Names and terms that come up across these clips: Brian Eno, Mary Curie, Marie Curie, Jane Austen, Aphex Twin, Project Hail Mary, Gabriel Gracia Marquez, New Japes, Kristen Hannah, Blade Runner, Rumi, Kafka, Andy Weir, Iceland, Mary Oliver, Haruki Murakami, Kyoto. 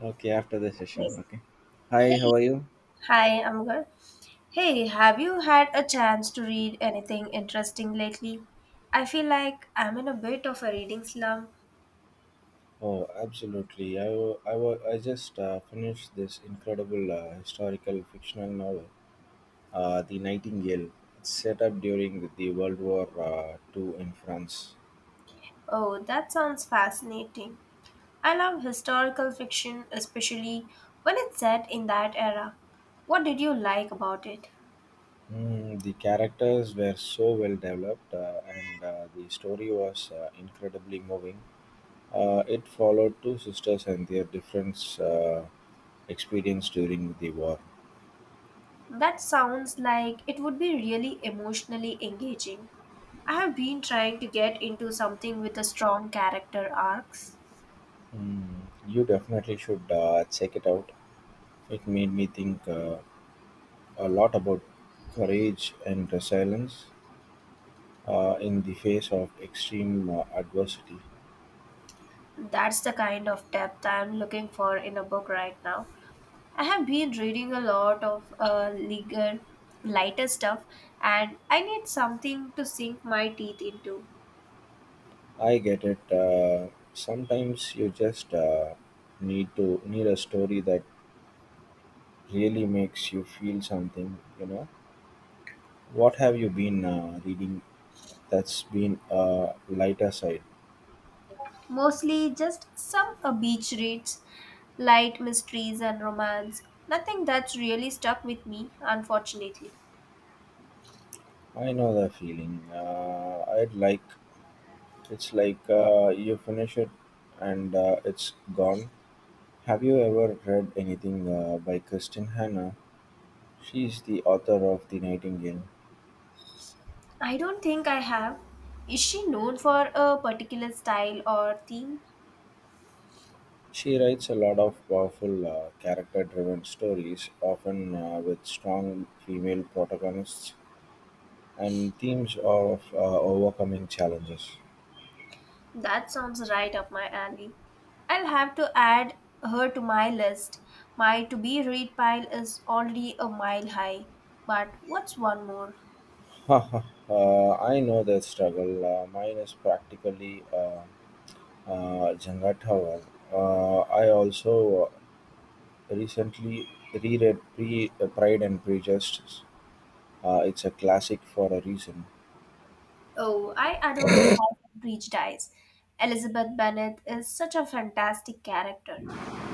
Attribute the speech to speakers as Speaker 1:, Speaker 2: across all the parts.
Speaker 1: Okay, after the
Speaker 2: Hey,
Speaker 1: session. Okay. Hi,
Speaker 2: hey,
Speaker 1: how are you?
Speaker 2: hi, I'm good. Hey, have you had a chance to read anything interesting lately? I feel like I'm in a bit of a reading slump.
Speaker 1: Oh, absolutely. I just finished this incredible historical fictional novel, The Nightingale. It's set up during the World War II in France.
Speaker 2: Oh, that sounds fascinating. I love historical fiction, especially when it's set in that era. What did you like about it?
Speaker 1: Mm, the characters were so well developed, and the story was incredibly moving. It followed two sisters and their different experience during the war.
Speaker 2: That sounds like it would be really emotionally engaging. I have been trying to get into something with a strong character arcs.
Speaker 1: Mm, you definitely should check it out. It made me think a lot about courage and resilience in the face of extreme adversity.
Speaker 2: That's the kind of depth I'm looking for in a book right now. I have been reading a lot of legal, lighter stuff, and I need something to sink my teeth into.
Speaker 1: I get it. Sometimes you just need a story that really makes you feel something. You know, what have you been reading that's been a lighter side?
Speaker 2: Mostly just some beach reads, light mysteries, and romance. Nothing that's really stuck with me, unfortunately.
Speaker 1: I know the feeling. I'd like it's like you finish it and it's gone. Have you ever read anything by Kristen Hannah? She is the author of The Nightingale.
Speaker 2: I don't think I have. Is she known for a particular style or theme?
Speaker 1: She writes a lot of powerful, character driven stories, often with strong female protagonists and themes of overcoming challenges.
Speaker 2: That sounds right up my alley. I'll have to add her to my list. My to be read pile is already a mile high. But what's one more?
Speaker 1: Haha, I know that struggle. Mine is practically Jenga Tower. I also recently reread Pride and Prejudice. It's a classic for a reason.
Speaker 2: Oh, I adore a plot that Breach Dies. Elizabeth Bennet is such a fantastic character.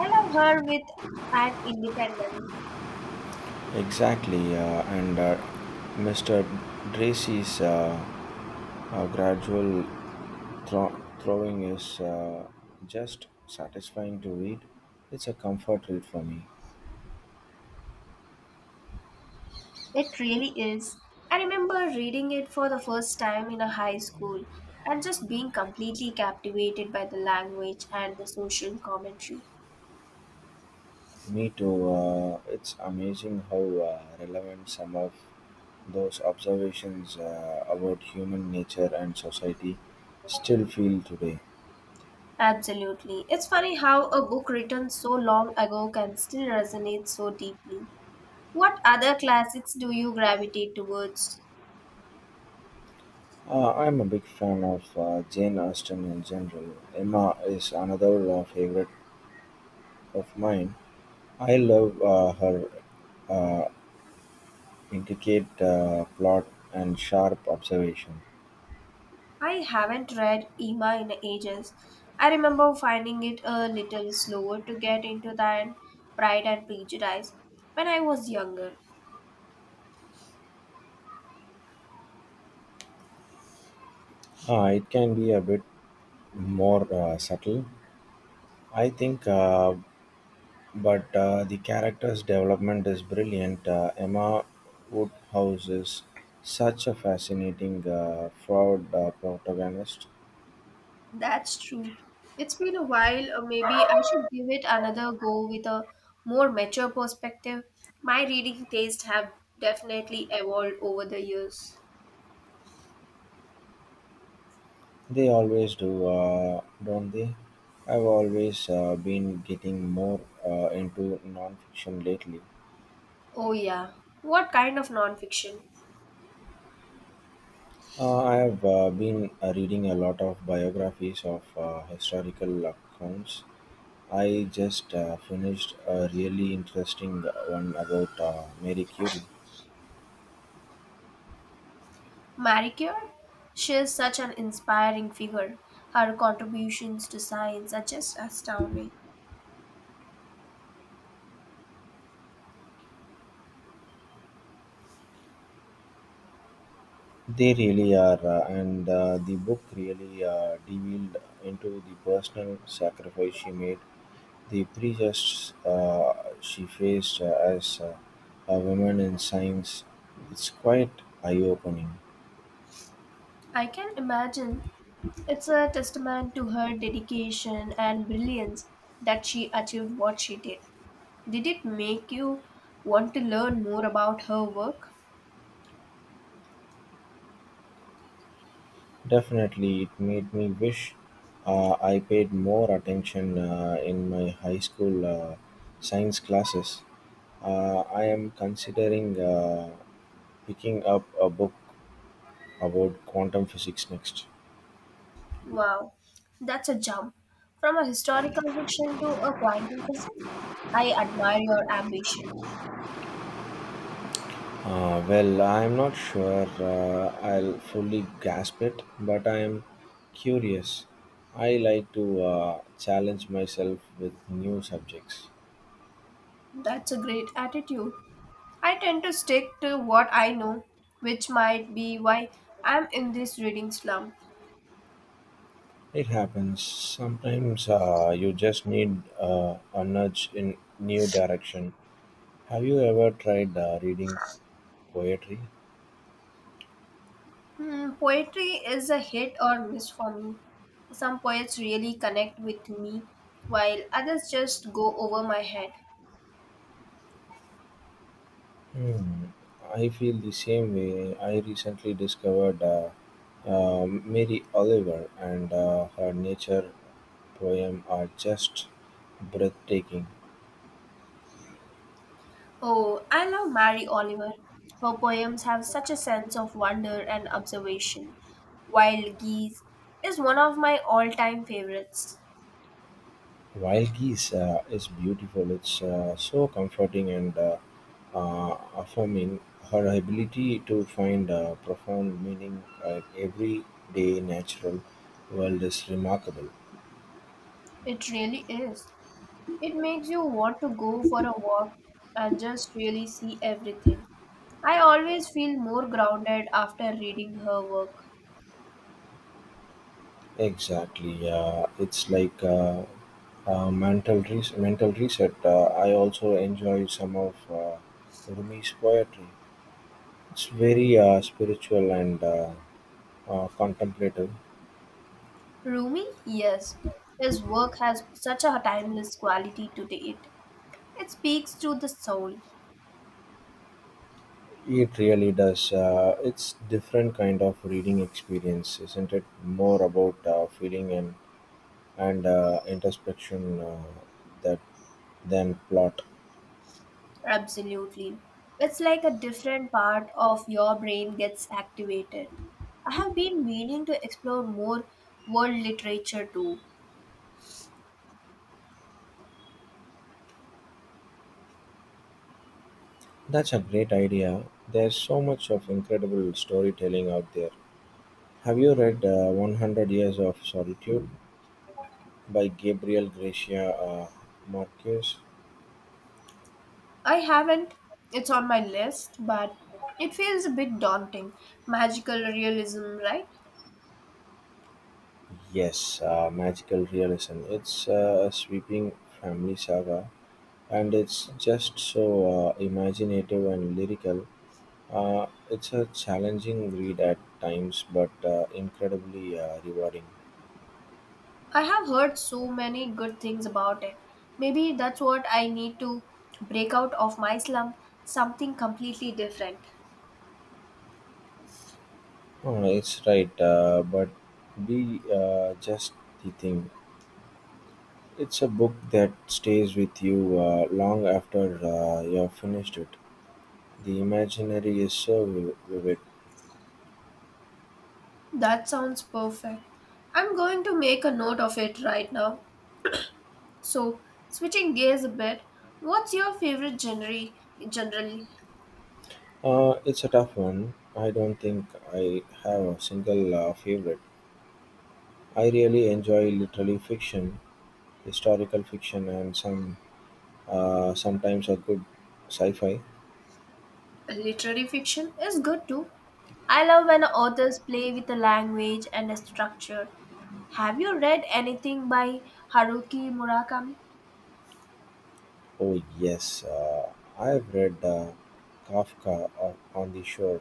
Speaker 2: I love her with an independence.
Speaker 1: Exactly, and Mr. Dracy's gradual throwing is just satisfying to read. It's a comfort read for me.
Speaker 2: It really is. I remember reading it for the first time in a high school and just being completely captivated by the language and the social commentary.
Speaker 1: Me too. It's amazing how relevant some of those observations about human nature and society still feel today.
Speaker 2: Absolutely. It's funny how a book written so long ago can still resonate so deeply. What other classics do you gravitate towards?
Speaker 1: I'm a big fan of Jane Austen in general. Emma is another favorite of mine. I love her uh, intricate plot and sharp observation.
Speaker 2: I haven't read Emma in ages. I remember finding it a little slower to get into than Pride and Prejudice when I was younger.
Speaker 1: It can be a bit more subtle, I think, but the character's development is brilliant. Emma Woodhouse is such a fascinating fraud protagonist.
Speaker 2: That's true. It's been a while, or maybe I should give it another go with a more mature perspective. My reading tastes have definitely evolved over the years.
Speaker 1: They always do, don't they? I've always been getting more into non-fiction lately.
Speaker 2: Oh, yeah. What kind of nonfiction?
Speaker 1: I have been reading a lot of biographies of historical accounts. I just finished a really interesting one about Mary Curie.
Speaker 2: Marie Curie? She is such an inspiring figure. Her contributions to science are just astounding.
Speaker 1: They really are, and the book really delved into the personal sacrifice she made, the prejudices she faced as a woman in science. It's quite eye opening.
Speaker 2: I can imagine it's a testament to her dedication and brilliance that she achieved what she did. Did it make you want to learn more about her work?
Speaker 1: Definitely, it made me wish I paid more attention in my high school science classes. I am considering picking up a book about quantum physics next.
Speaker 2: Wow, that's a jump. From a historical fiction to a quantum physics? I admire your ambition.
Speaker 1: Well, I'm not sure I'll fully grasp it, but I'm curious. I like to challenge myself with new subjects.
Speaker 2: That's a great attitude. I tend to stick to what I know, which might be why I'm in this reading slump.
Speaker 1: It happens. Sometimes you just need a nudge in new direction. Have you ever tried reading poetry?
Speaker 2: Hmm, poetry is a hit or miss for me. Some poets really connect with me, while others just go over my head.
Speaker 1: Hmm. I feel the same way. I recently discovered Mary Oliver and her nature poem are just breathtaking.
Speaker 2: Oh, I love Mary Oliver. Her poems have such a sense of wonder and observation. Wild Geese is one of my all time favorites.
Speaker 1: Wild Geese is beautiful. It's so comforting and affirming her ability to find a profound meaning in everyday natural world is remarkable.
Speaker 2: It really is. It makes you want to go for a walk and just really see everything. I always feel more grounded after reading her work.
Speaker 1: Exactly, it's like a mental mental reset. I also enjoy some of Rumi's poetry. It's very spiritual and contemplative.
Speaker 2: Rumi, yes, his work has such a timeless quality to it. It speaks to the soul,
Speaker 1: It really does. It's different kind of reading experience, isn't it? More about feeling and introspection that than plot.
Speaker 2: absolutely. It's like a different part of your brain gets activated. I have been meaning to explore more world literature too.
Speaker 1: That's a great idea. There's so much of incredible storytelling out there. Have you read 100 Years of Solitude by Gabriel Gracia Marquez?
Speaker 2: I haven't. It's on my list, but it feels a bit daunting. Magical realism, right?
Speaker 1: Yes, magical realism. It's a sweeping family saga and it's just so imaginative and lyrical. It's a challenging read at times but incredibly rewarding.
Speaker 2: I have heard so many good things about it. Maybe that's what I need to break out of my slump, something completely different.
Speaker 1: Oh, it's right, but be just the thing. It's a book that stays with you long after you've finished it. The imaginary is so vivid.
Speaker 2: That sounds perfect. I'm going to make a note of it right now. So, switching gears a bit, what's your favorite genre generally?
Speaker 1: It's a tough one. I don't think I have a single favorite. I really enjoy literary fiction, historical fiction, and some sometimes a good sci-fi.
Speaker 2: Literary fiction is good too. I love when authors play with the language and the structure. Have you read anything by Haruki Murakami?
Speaker 1: Oh yes, I've read Kafka on the Shore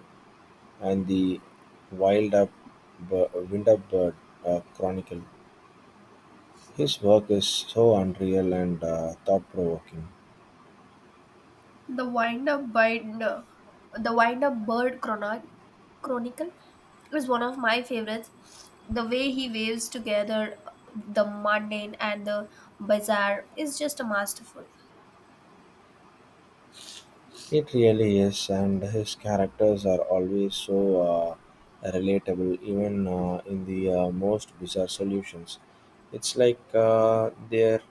Speaker 1: and the Wild Up, Up Wind "Windupbird Chronicle". His work is so unreal and thought-provoking.
Speaker 2: The Wind Up Binder, The Wind Up Bird Chronicle is one of my favorites. The way he waves together the mundane and the bizarre is just masterful.
Speaker 1: It really is, and his characters are always so relatable, even in the most bizarre solutions. It's like they're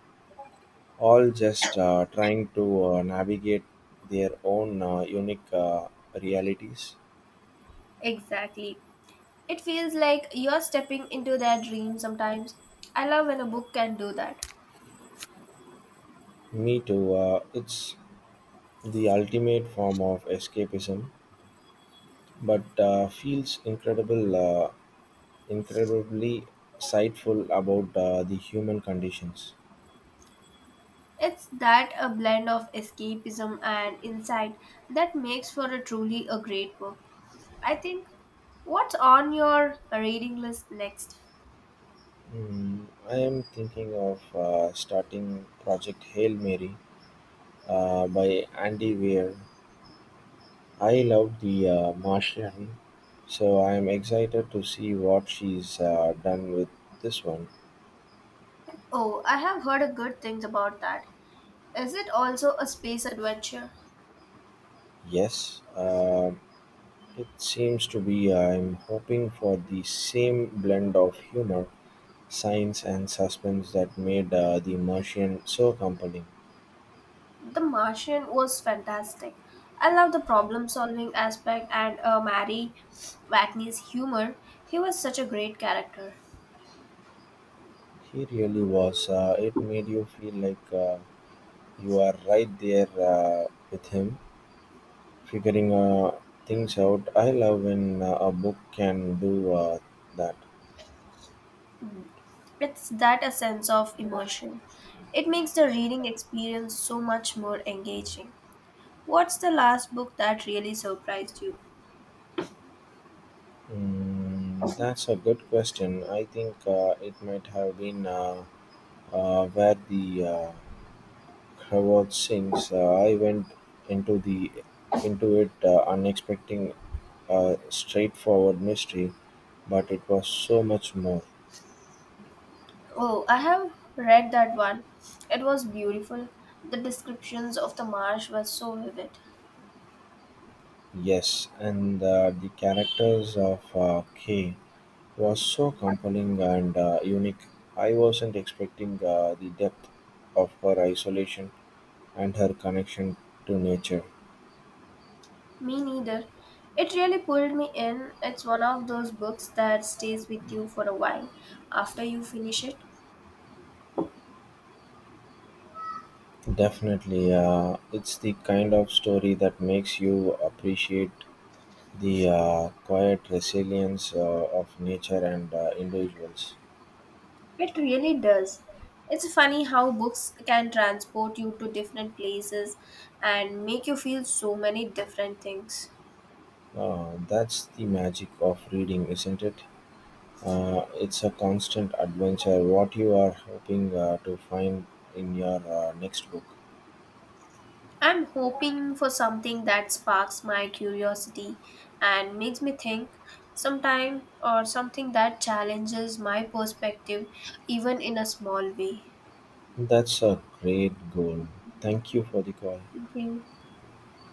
Speaker 1: all just trying to navigate their own unique realities.
Speaker 2: Exactly. It feels like you're stepping into their dream sometimes. I love when a book can do that.
Speaker 1: Me too. It's the ultimate form of escapism, but feels incredibly insightful about the human conditions.
Speaker 2: It's that a blend of escapism and insight that makes for a truly a great book. I think what's on your reading list next?
Speaker 1: Mm, I am thinking of starting Project Hail Mary by Andy Weir. I love the Martian, so I am excited to see what she's done with this one.
Speaker 2: Oh, I have heard a good things about that. Is it also a space adventure?
Speaker 1: Yes, it seems to be. I'm hoping for the same blend of humor science and suspense that made the Martian so compelling.
Speaker 2: The Martian was fantastic. I love the problem solving aspect and Mary Watney's humor. He was such a great character.
Speaker 1: He really was. It made you feel like you are right there with him, figuring things out. I love when a book can do that.
Speaker 2: It's that a sense of immersion. It makes the reading experience so much more engaging. What's the last book that really surprised you?
Speaker 1: Mm, that's a good question. I think it might have been where the Harvard sings. I went into the into it unexpecting a straightforward mystery. But it was so much more.
Speaker 2: Oh, I have read that one. It was beautiful. The descriptions of the marsh were so vivid.
Speaker 1: Yes, and the characters of K was so compelling and unique. I wasn't expecting the depth of her isolation and her connection to nature.
Speaker 2: Me neither. It really pulled me in. It's one of those books that stays with you for a while after you finish it.
Speaker 1: Definitely, it's the kind of story that makes you appreciate the quiet resilience of nature and individuals.
Speaker 2: It really does. It's funny how books can transport you to different places and make you feel so many different things.
Speaker 1: That's the magic of reading, isn't it? It's a constant adventure. What you are hoping to find in your next book?
Speaker 2: I'm hoping for something that sparks my curiosity and makes me think sometime or something that challenges my perspective even in a small way.
Speaker 1: That's a great goal. Thank you for the call.
Speaker 2: Thank you.